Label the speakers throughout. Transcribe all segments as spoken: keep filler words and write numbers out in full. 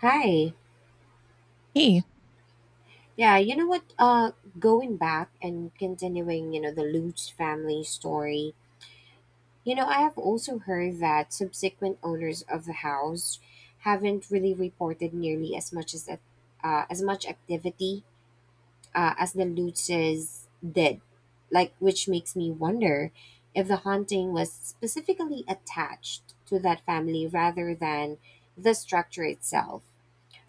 Speaker 1: Hi.
Speaker 2: Hey,
Speaker 1: Yeah, you know what? Uh, going back and continuing, you know, the Lutz family story. You know, I have also heard that subsequent owners of the house haven't really reported nearly as much as uh, as much activity uh, as the Lutzes did. Like, which makes me wonder if the haunting was specifically attached to that family rather than the structure itself.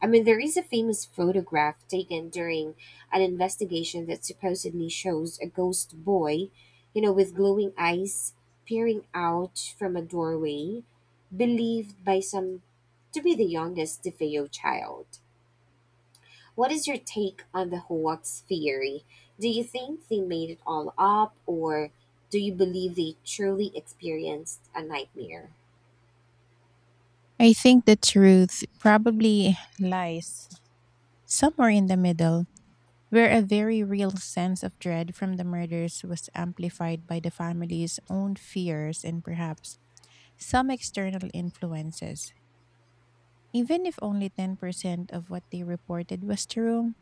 Speaker 1: I mean, there is a famous photograph taken during an investigation that supposedly shows a ghost boy, you know, with glowing eyes peering out from a doorway, believed by some to be the youngest DeFeo child. What is your take on the hoax theory? Do you think they made it all up, or do you believe they truly experienced a nightmare?
Speaker 2: I think the truth probably lies somewhere in the middle, where a very real sense of dread from the murders was amplified by the family's own fears and perhaps some external influences. Even if only ten percent of what they reported was true,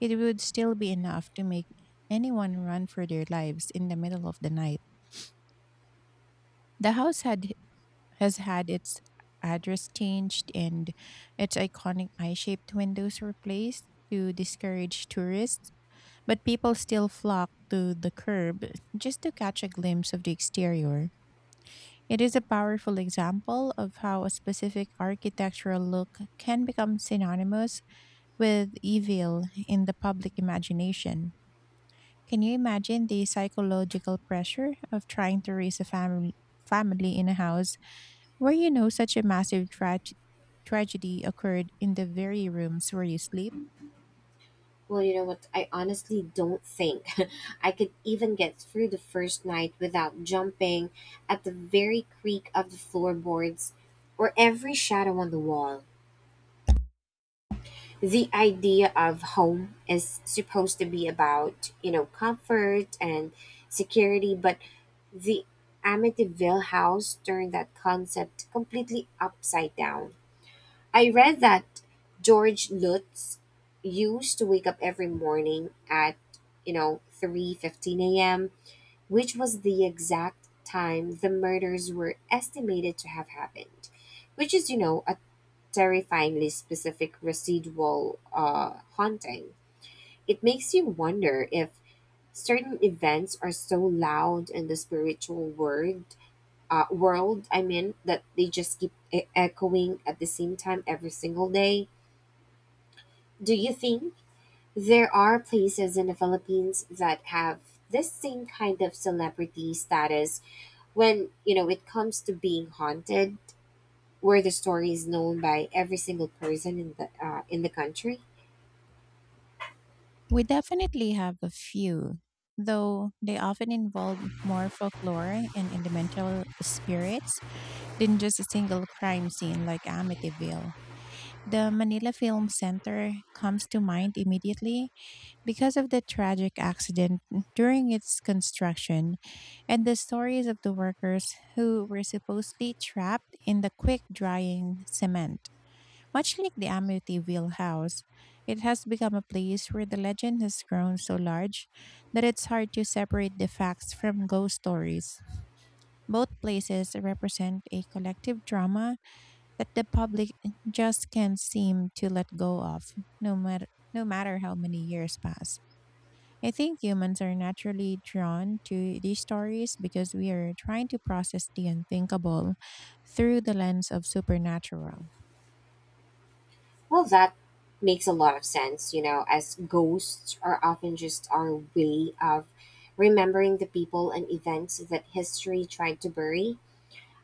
Speaker 2: it would still be enough to make anyone run for their lives in the middle of the night. The house had has had its address changed and its iconic eye shaped windows replaced to discourage tourists, but people still flock to the curb just to catch a glimpse of the exterior. It is a powerful example of how a specific architectural look can become synonymous with evil in the public imagination. Can you imagine the psychological pressure of trying to raise a family family in a house where you know such a massive trage- tragedy occurred in the very rooms where you sleep?
Speaker 1: Well, you know what? I honestly don't think I could even get through the first night without jumping at the very creak of the floorboards or every shadow on the wall. The idea of home is supposed to be about, you know, comfort and security, but the Amityville house turned that concept completely upside down. I read that George Lutz used to wake up every morning at, you know, three fifteen a m, which was the exact time the murders were estimated to have happened, which is, you know, a terrifyingly specific residual uh, haunting. It makes you wonder if certain events are so loud in the spiritual world, uh, world, I mean, that they just keep e- echoing at the same time every single day. Do you think there are places in the Philippines that have this same kind of celebrity status when, you know, it comes to being haunted, where the story is known by every single person in the uh, in the country?
Speaker 2: We definitely have a few, though they often involve more folklore and elemental spirits than just a single crime scene like Amityville. The Manila Film Center comes to mind immediately because of the tragic accident during its construction and the stories of the workers who were supposedly trapped in the quick drying cement. Much like the Amityville house, it has become a place where the legend has grown so large that it's hard to separate the facts from ghost stories. Both places represent a collective drama that the public just can't seem to let go of, no matter no matter how many years pass. I think humans are naturally drawn to these stories because we are trying to process the unthinkable through the lens of supernatural.
Speaker 1: Well, that makes a lot of sense, you know, as ghosts are often just our way of remembering the people and events that history tried to bury.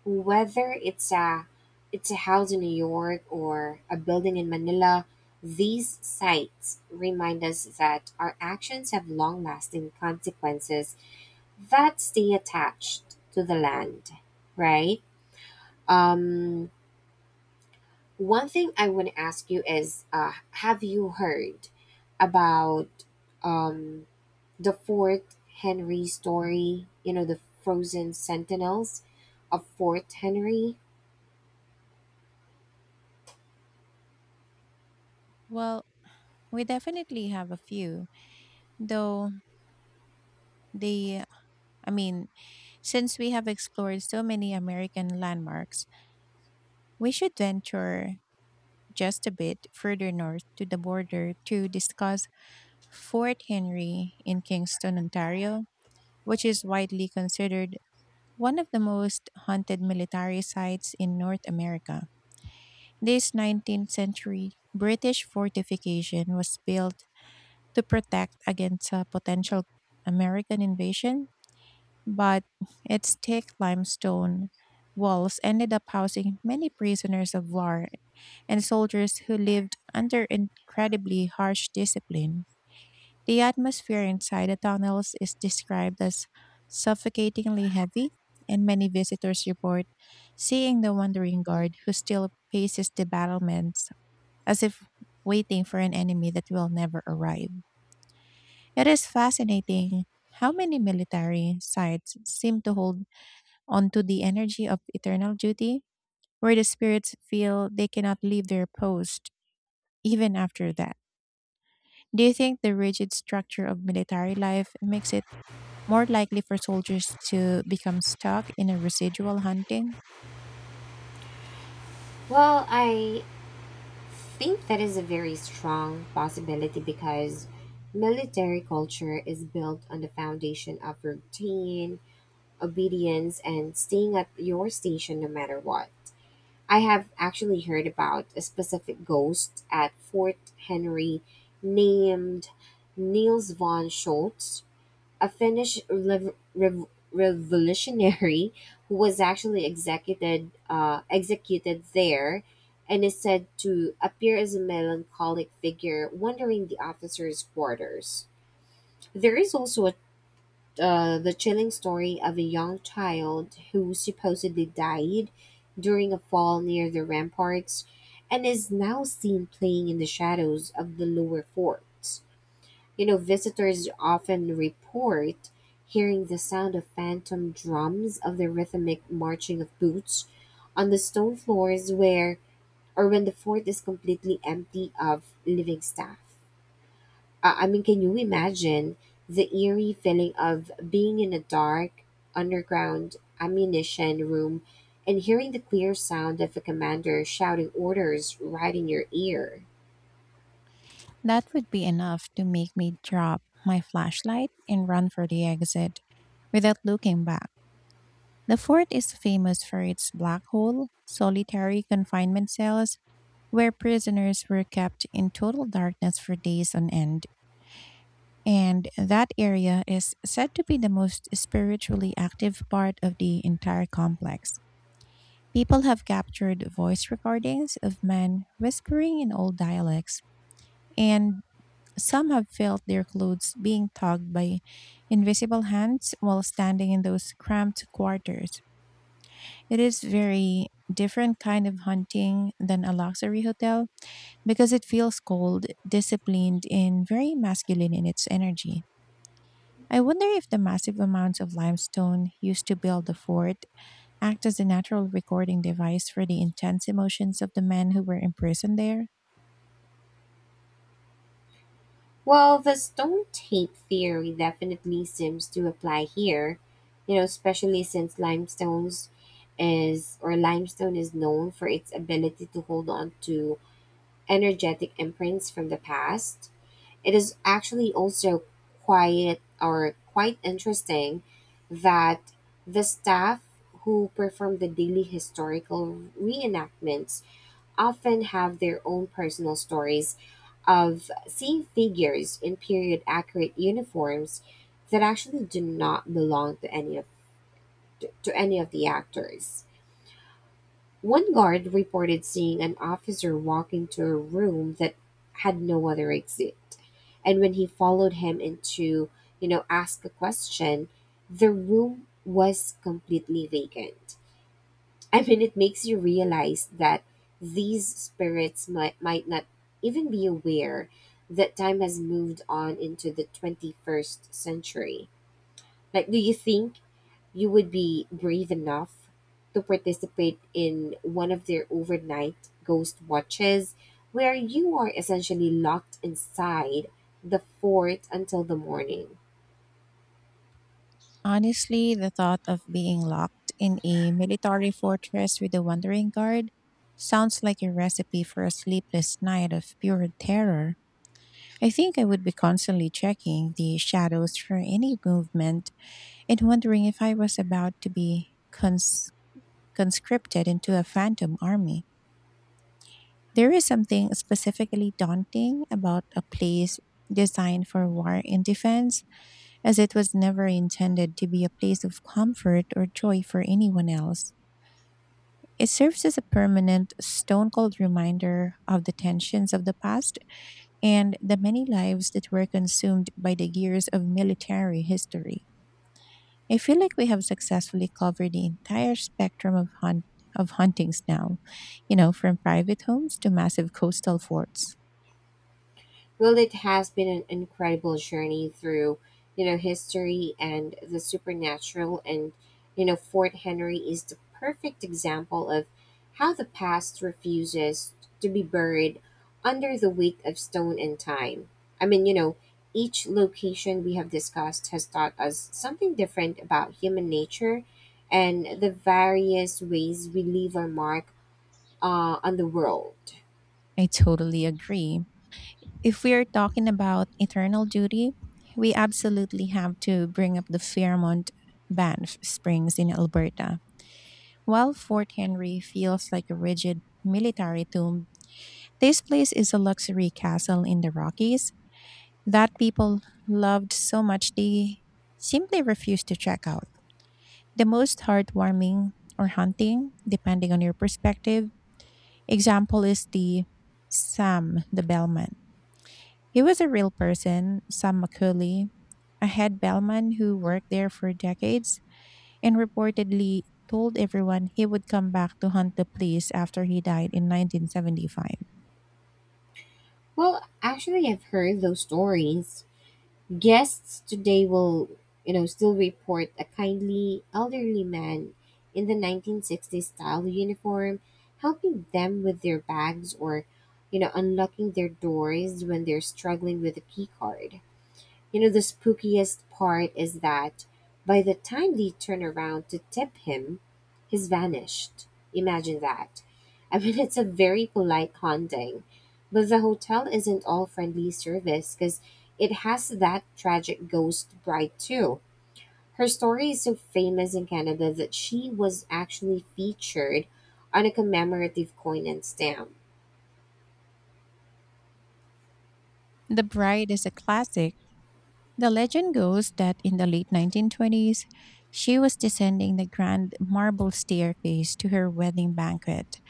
Speaker 1: Whether it's a it's a house in New York or a building in Manila, these sites remind us that our actions have long-lasting consequences that stay attached to the land, right? Um, One thing I want to ask you is, uh, have you heard about um, the Fort Henry story? You know, the frozen sentinels of Fort Henry.
Speaker 2: Well, we definitely have a few, though they, I mean, since we have explored so many American landmarks, we should venture just a bit further north to the border to discuss Fort Henry in Kingston, Ontario, which is widely considered one of the most haunted military sites in North America. This nineteenth century British fortification was built to protect against a potential American invasion, but its thick limestone walls ended up housing many prisoners of war and soldiers who lived under incredibly harsh discipline. The atmosphere inside the tunnels is described as suffocatingly heavy, and many visitors report seeing the wandering guard who still paces the battlements as if waiting for an enemy that will never arrive. It is fascinating how many military sites seem to hold onto the energy of eternal duty, where the spirits feel they cannot leave their post even after that. Do you think the rigid structure of military life makes it more likely for soldiers to become stuck in a residual hunting?
Speaker 1: Well, I think that is a very strong possibility because military culture is built on the foundation of routine, obedience, and staying at your station no matter what. I have actually heard about a specific ghost at Fort Henry named Niels von Schultz, a Finnish rev- rev- revolutionary who was actually executed uh, executed there, and is said to appear as a melancholic figure wandering the officers' quarters. There is also a, uh, the chilling story of a young child who supposedly died during a fall near the ramparts, and is now seen playing in the shadows of the lower fort. You know, visitors often report hearing the sound of phantom drums of the rhythmic marching of boots on the stone floors where or when the fort is completely empty of living staff. Uh, I mean, can you imagine the eerie feeling of being in a dark underground ammunition room and hearing the clear sound of a commander shouting orders right in your ear?
Speaker 2: That would be enough to make me drop my flashlight and run for the exit without looking back. The fort is famous for its black hole, solitary confinement cells, where prisoners were kept in total darkness for days on end. And that area is said to be the most spiritually active part of the entire complex. People have captured voice recordings of men whispering in old dialects, and some have felt their clothes being tugged by invisible hands while standing in those cramped quarters. It is very different kind of hunting than a luxury hotel because it feels cold, disciplined, and very masculine in its energy. I wonder if the massive amounts of limestone used to build the fort act as a natural recording device for the intense emotions of the men who were imprisoned there.
Speaker 1: Well, the stone tape theory definitely seems to apply here, you know, especially since limestones is or limestone is known for its ability to hold on to energetic imprints from the past. It is actually also quite or quite interesting that the staff who perform the daily historical reenactments often have their own personal stories of seeing figures in period accurate uniforms that actually do not belong to any of to any of the actors. One guard reported seeing an officer walk into a room that had no other exit. And when he followed him into, you know, ask a question, the room was completely vacant. I mean, it makes you realize that these spirits might, might not even be aware that time has moved on into the twenty-first century. Like, do you think you would be brave enough to participate in one of their overnight ghost watches where you are essentially locked inside the fort until the morning?
Speaker 2: Honestly, the thought of being locked in a military fortress with a wandering guard sounds like a recipe for a sleepless night of pure terror. I think I would be constantly checking the shadows for any movement and wondering if I was about to be cons- conscripted into a phantom army. There is something specifically daunting about a place designed for war and defense, as it was never intended to be a place of comfort or joy for anyone else. It serves as a permanent, stone cold reminder of the tensions of the past and the many lives that were consumed by the years of military history. I feel like we have successfully covered the entire spectrum of hunt of huntings now, you know, from private homes to massive coastal forts.
Speaker 1: Well, it has been an incredible journey through, you know, history and the supernatural. And, you know, Fort Henry is the perfect example of how the past refuses to be buried under the weight of stone and time. I mean, you know, each location we have discussed has taught us something different about human nature and the various ways we leave our mark uh, on the world.
Speaker 2: I totally agree. If we are talking about eternal duty, we absolutely have to bring up the Fairmont Banff Springs in Alberta. While Fort Henry feels like a rigid military tomb, this place is a luxury castle in the Rockies that people loved so much they simply refused to check out. The most heartwarming or haunting, depending on your perspective, example is the Sam the bellman. He was a real person, Sam McCooley, a head bellman who worked there for decades and reportedly told everyone he would come back to hunt the place after he died in nineteen seventy-five.
Speaker 1: Well, actually, I've heard those stories. Guests today will, you know, still report a kindly elderly man in the nineteen sixties style uniform helping them with their bags or, you know, unlocking their doors when they're struggling with a key card. You know, the spookiest part is that by the time they turn around to tip him, he's vanished. Imagine that. I mean, it's a very polite haunting, but the hotel isn't all friendly service because it has that tragic ghost bride, too. Her story is so famous in Canada that she was actually featured on a commemorative coin and stamp.
Speaker 2: The Bride is a classic. The legend goes that in the late nineteen twenties, she was descending the grand marble staircase to her wedding banquet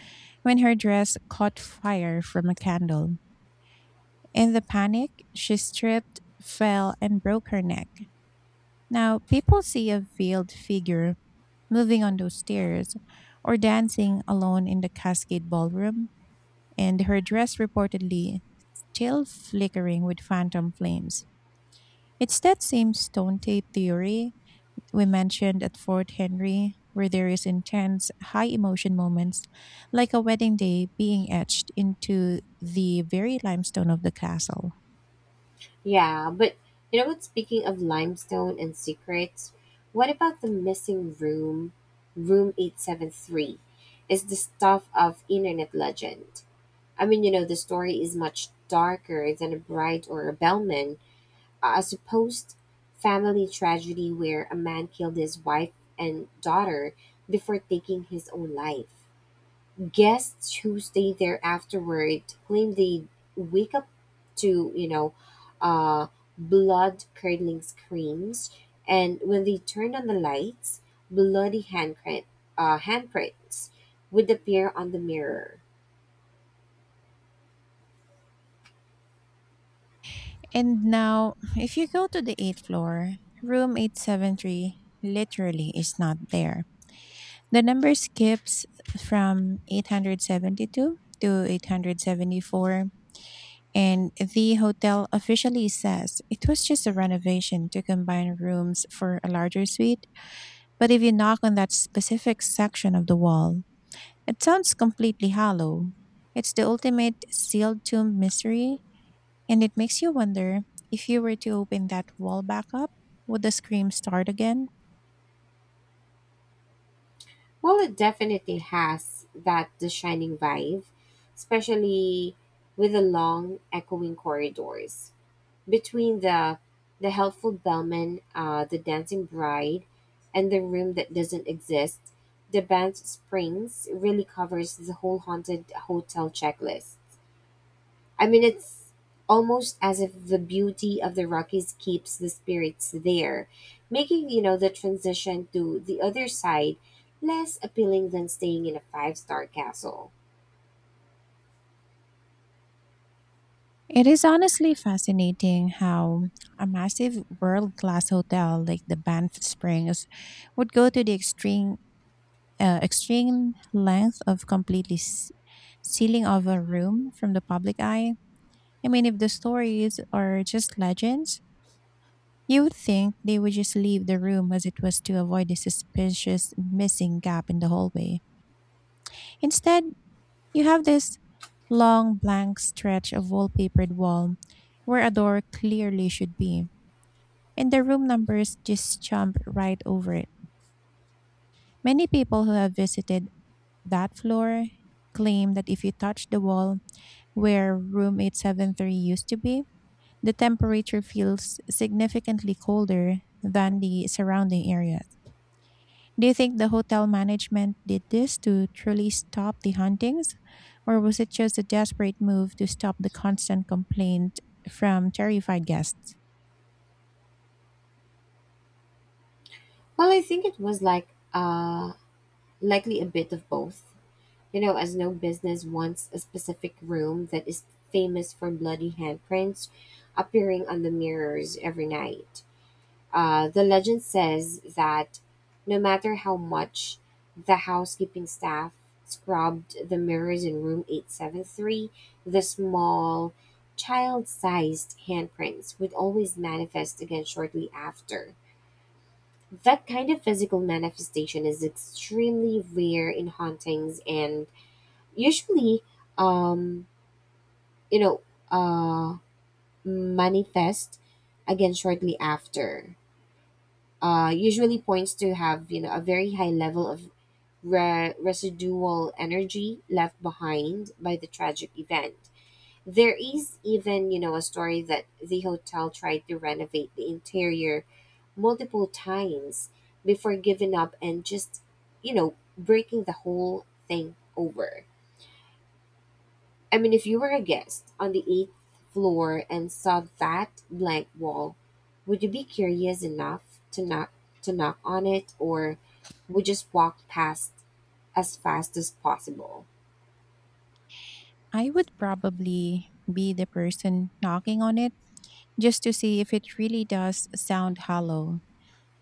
Speaker 2: when her dress caught fire from a candle. In the panic, she stripped, fell, and broke her neck. Now, people see a veiled figure moving on those stairs or dancing alone in the Cascade Ballroom, and her dress reportedly still flickering with phantom flames. It's that same stone tape theory we mentioned at Fort Henry, where there is intense, high emotion moments, like a wedding day being etched into the very limestone of the castle.
Speaker 1: Yeah, but you know what? Speaking of limestone and secrets, what about the missing room, room eight seven three? Is the stuff of internet legend. I mean, you know, the story is much darker than a bride or a bellman. A supposed family tragedy where a man killed his wife and daughter before taking his own life. Guests who stay there afterward claim they wake up to, you know uh, blood curdling screams, and when they turn on the lights, bloody handprint, uh, handprints would appear on the mirror.
Speaker 2: And now, if you go to the eighth floor, room eight seventy-three literally is not there. The number skips from eight hundred seventy-two to eight hundred seventy-four, and the hotel officially says it was just a renovation to combine rooms for a larger suite. But if you knock on that specific section of the wall, it sounds completely hollow. It's the ultimate sealed tomb mystery, and it makes you wonder, if you were to open that wall back up, would the scream start again?
Speaker 1: Well, it definitely has that the shining vibe, especially with the long echoing corridors between the the helpful bellman, uh, the dancing bride, and the room that doesn't exist. The band's Springs really covers the whole haunted hotel checklist. I mean, it's almost as if the beauty of the Rockies keeps the spirits there, making, you know, the transition to the other side less appealing than staying in a five-star castle.
Speaker 2: It is honestly fascinating how a massive world class hotel like the Banff Springs would go to the extreme, uh, extreme length of completely s- sealing of a room from the public eye. I mean, if the stories are just legends, you would think they would just leave the room as it was to avoid the suspicious missing gap in the hallway. Instead, you have this long blank stretch of wallpapered wall where a door clearly should be, and the room numbers just jump right over it. Many people who have visited that floor claim that if you touch the wall where room eight seventy-three used to be, the temperature feels significantly colder than the surrounding areas. Do you think the hotel management did this to truly stop the hauntings, or was it just a desperate move to stop the constant complaint from terrified guests?
Speaker 1: Well, I think it was like uh likely a bit of both. You know, as no business wants a specific room that is famous for bloody handprints appearing on the mirrors every night. Uh, the legend says that no matter how much the housekeeping staff scrubbed the mirrors in room eight seven three, the small, child sized handprints would always manifest again shortly after. That kind of physical manifestation is extremely rare in hauntings and usually um you know uh manifest again shortly after, uh usually points to have, you know, a very high level of re- residual energy left behind by the tragic event. There is even, you know, a story that the hotel tried to renovate the interior multiple times before giving up and just, you know, breaking the whole thing over. I mean, if you were a guest on the eighth floor and saw that blank wall, would you be curious enough to knock to knock on it, or would you just walk past as fast as possible?
Speaker 2: I would probably be the person knocking on it just to see if it really does sound hollow.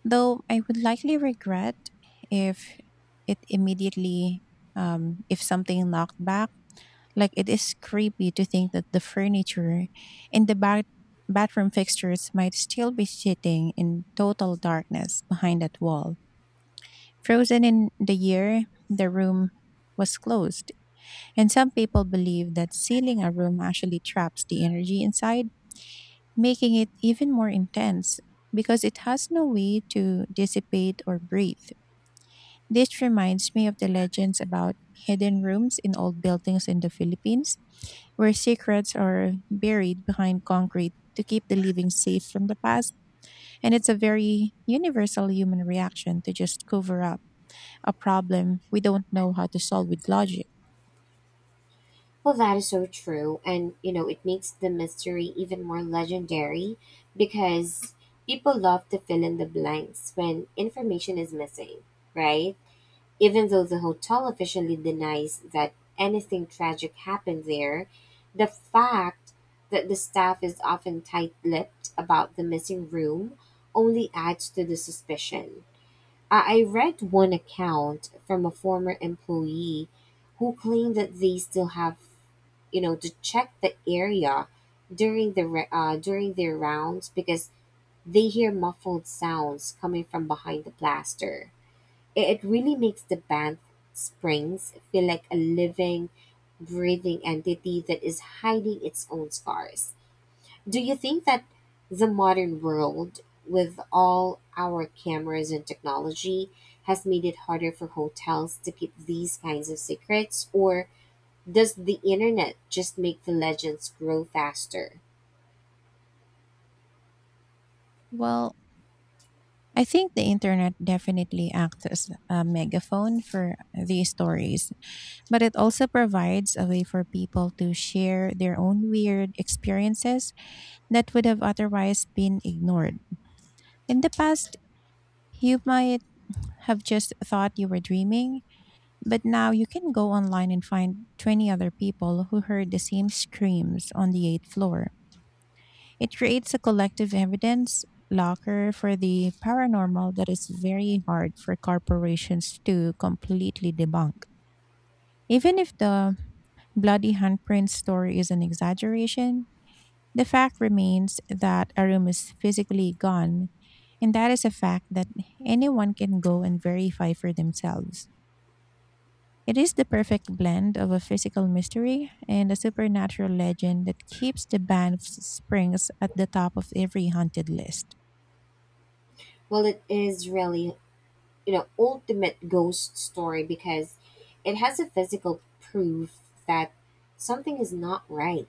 Speaker 2: Though I would likely regret if it immediately, um, if something knocked back. Like it is creepy to think that the furniture and the ba- bathroom fixtures might still be sitting in total darkness behind that wall. Frozen in the year the room was closed, and some people believe that sealing a room actually traps the energy inside, making it even more intense because it has no way to dissipate or breathe. This reminds me of the legends about hidden rooms in old buildings in the Philippines where secrets are buried behind concrete to keep the living safe from the past. And it's a very universal human reaction to just cover up a problem we don't know how to solve with logic.
Speaker 1: Well, that is so true, and you know it makes the mystery even more legendary because people love to fill in the blanks when information is missing, right? Even though the hotel officially denies that anything tragic happened there, the fact that the staff is often tight lipped about the missing room only adds to the suspicion. I I read one account from a former employee who claimed that they still have, you know, to check the area during the re- uh, during their rounds because they hear muffled sounds coming from behind the plaster. It it really makes the Banff Springs feel like a living, breathing entity that is hiding its own scars. Do you think that the modern world, with all our cameras and technology, has made it harder for hotels to keep these kinds of secrets? Or does the internet just make the legends grow faster?
Speaker 2: Well, I think the internet definitely acts as a megaphone for these stories, but it also provides a way for people to share their own weird experiences that would have otherwise been ignored. In the past, you might have just thought you were dreaming, but now you can go online and find twenty other people who heard the same screams on the eighth floor. It creates a collective evidence locker for the paranormal that is very hard for corporations to completely debunk. Even if the bloody handprint story is an exaggeration, the fact remains that a room is physically gone, and that is a fact that anyone can go and verify for themselves. It is the perfect blend of a physical mystery and a supernatural legend that keeps the Banff Springs at the top of every haunted list.
Speaker 1: Well, it is really, you know, ultimate ghost story because it has a physical proof that something is not right.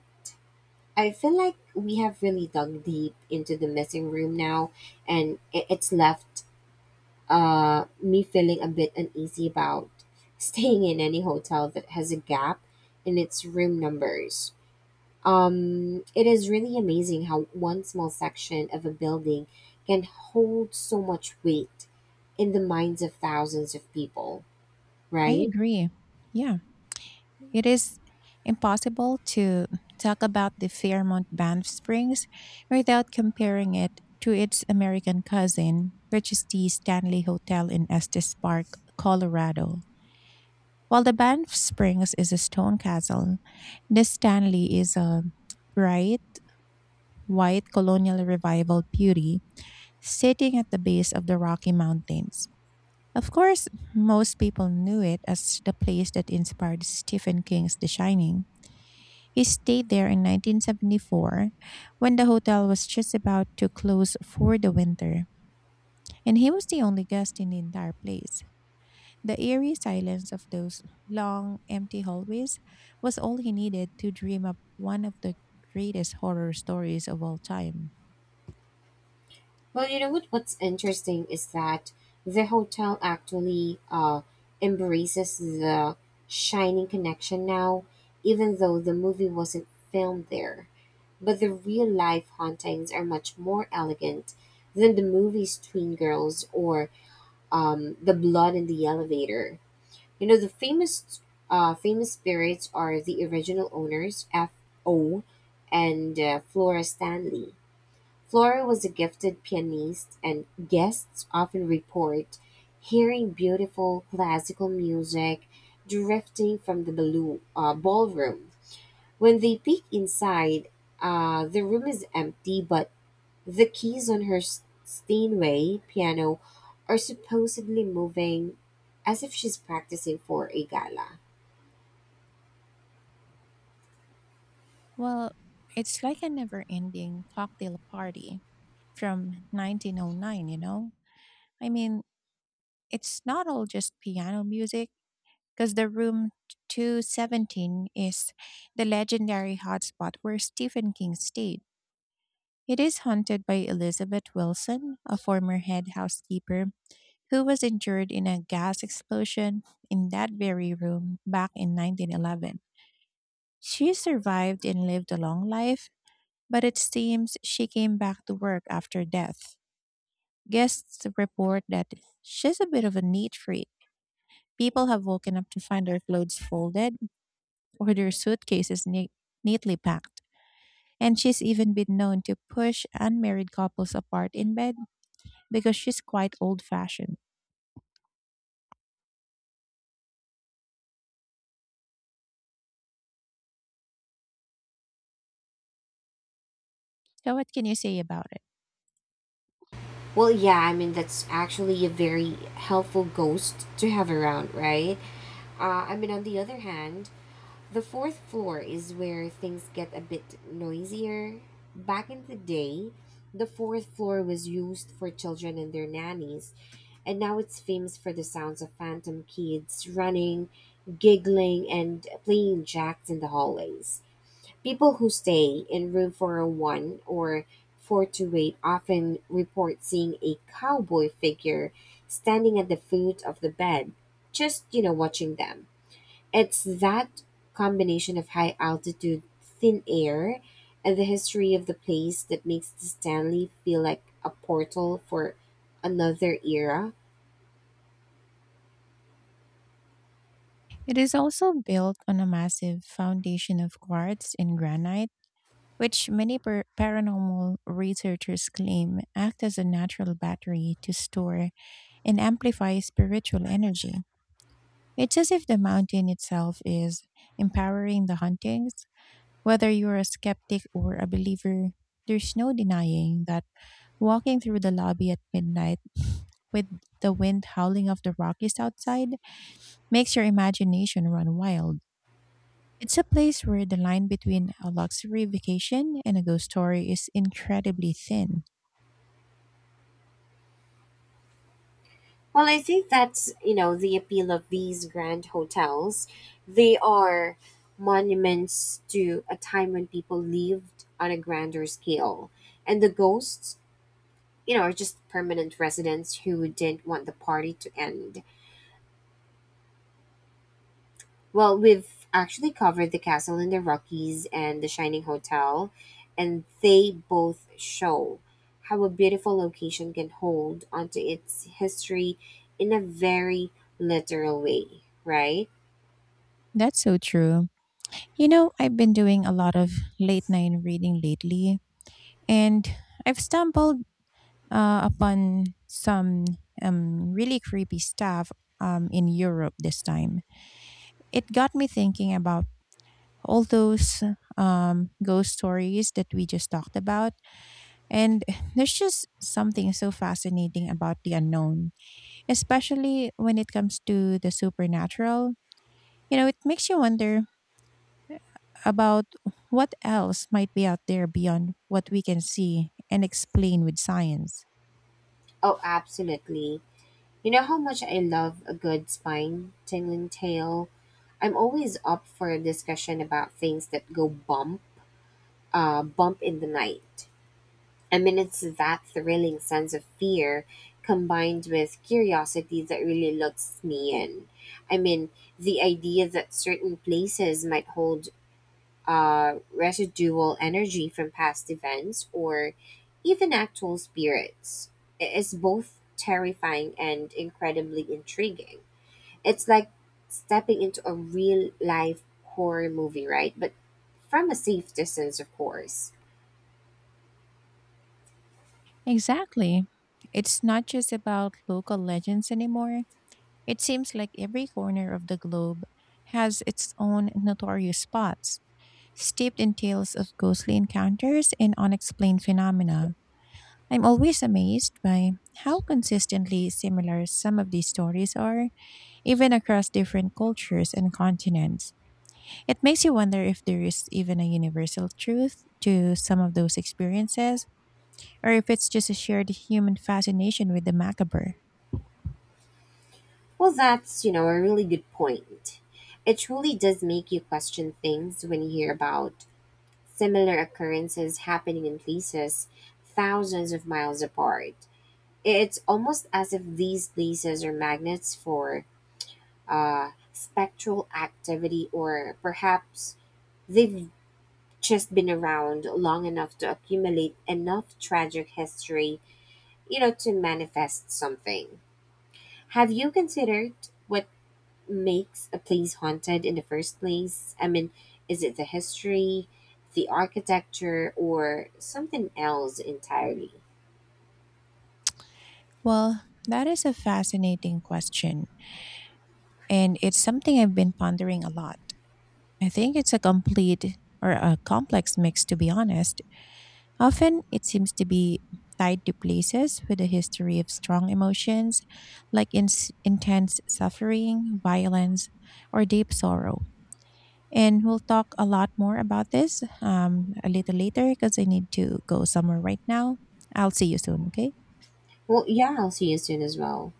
Speaker 1: I feel like we have really dug deep into the missing room now, and it, it's left uh me feeling a bit uneasy about staying in any hotel that has a gap in its room numbers. Um, it is really amazing how one small section of a building can hold so much weight in the minds of thousands of people.
Speaker 2: I
Speaker 1: Right.
Speaker 2: agree. Yeah. It is impossible to talk about the Fairmont Banff Springs without comparing it to its American cousin, which is the Stanley Hotel in Estes Park, Colorado. While the Banff Springs is a stone castle, the Stanley is a bright, white colonial revival beauty sitting at the base of the Rocky Mountains. Of course, most people knew it as the place that inspired Stephen King's The Shining. He stayed there in nineteen seventy-four when the hotel was just about to close for the winter, and he was the only guest in the entire place. The eerie silence of those long, empty hallways was all he needed to dream up one of the greatest horror stories of all time.
Speaker 1: Well, you know what? What's interesting is that the hotel actually uh, embraces the shining connection now, even though the movie wasn't filmed there. But the real life hauntings are much more elegant than the movie's Twin Girls or um, the blood in the elevator. You know the famous uh, famous spirits are the original owners F O and uh, Flora Stanley. Flora was a gifted pianist and guests often report hearing beautiful classical music drifting from the balloon, uh, ballroom. When they peek inside, uh, the room is empty, but the keys on her S- Steinway piano are supposedly moving as if she's practicing for a gala.
Speaker 2: Well, it's like a never ending cocktail party from nineteen oh nine, you know? I mean, it's not all just piano music, because the room two seventeen is the legendary hotspot where Stephen King stayed. It is haunted by Elizabeth Wilson, a former head housekeeper who was injured in a gas explosion in that very room back in nineteen eleven. She survived and lived a long life, but it seems she came back to work after death. Guests report that she's a bit of a neat freak. People have woken up to find their clothes folded, with her suitcases neat, neatly packed. And she's even been known to push unmarried couples apart in bed because she's quite old fashioned. So, what can you say about it?
Speaker 1: Well, yeah, I mean, that's actually a very helpful ghost to have around, right? Uh, I mean, on the other hand, the fourth floor is where things get a bit noisier. Back in the day, the fourth floor was used for children and their nannies, and now it's famous for the sounds of phantom kids running, giggling, and playing jacks in the hallways. People who stay in room four zero one or four two eight often report seeing a cowboy figure standing at the foot of the bed, just, you know, watching them. It's that combination of high altitude, thin air, and the history of the place that makes the Stanley feel like a portal for another era.
Speaker 2: It is also built on a massive foundation of quartz and granite, which many par- paranormal researchers claim act as a natural battery to store and amplify spiritual energy. It's as if the mountain itself is empowering the hauntings. Whether you're a skeptic or a believer, there's no denying that walking through the lobby at midnight with the wind howling off the Rockies outside makes your imagination run wild. It's a place where the line between a luxury vacation and a ghost story is incredibly thin.
Speaker 1: Well, I think that's, you know, the appeal of these grand hotels. They are monuments to a time when people lived on a grander scale. And the ghosts, you know, are just permanent residents who didn't want the party to end. Well, we've actually covered the Castle in the Rockies and the Shining Hotel, and they both show how a beautiful location can hold onto its history in a very literal way, right?
Speaker 2: That's so true. You know, I've been doing a lot of late night reading lately, and I've stumbled uh, upon some um, really creepy stuff um, in Europe this time. It got me thinking about all those um, ghost stories that we just talked about, and there's just something so fascinating about the unknown, especially when it comes to the supernatural. You know, it makes you wonder about what else might be out there beyond what we can see and explain with science.
Speaker 1: Oh, absolutely. You know how much I love a good spine tingling tale? I'm always up for a discussion about things that go bump, uh, bump in the night. Mean, it's that thrilling sense of fear combined with curiosity that really locks me in. I mean, the idea that certain places might hold uh, residual energy from past events or even actual spirits i- is both terrifying and incredibly intriguing. It's like stepping into a real life horror movie, right? But from a safe distance, of course.
Speaker 2: Exactly. It's not just about local legends anymore. It seems like every corner of the globe has its own notorious spots, steeped in tales of ghostly encounters and unexplained phenomena. I'm always amazed by how consistently similar some of these stories are even across different cultures and continents. It makes you wonder if there is even a universal truth to some of those experiences, or if it's just a shared human fascination with the macabre.
Speaker 1: Well, that's, you know, a really good point. It truly does make you question things when you hear about similar occurrences happening in places thousands of miles apart. It's almost as if these places are magnets for uh, spectral activity, or perhaps they've just been around long enough to accumulate enough tragic history, you know, to manifest something. Have you considered what makes a place haunted in the first place? I mean, is it the history, the architecture, or something else entirely?
Speaker 2: Well, that is a fascinating question, and it's something I've been pondering a lot. I think it's a complete or a complex mix, to be honest. Often, it seems to be tied to places with a history of strong emotions, like ins intense suffering, violence, or deep sorrow. And we'll talk a lot more about this um, a little later because I need to go somewhere right now. I'll see you soon, okay?
Speaker 1: Well, yeah, I'll see you soon as well.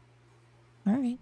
Speaker 2: All right.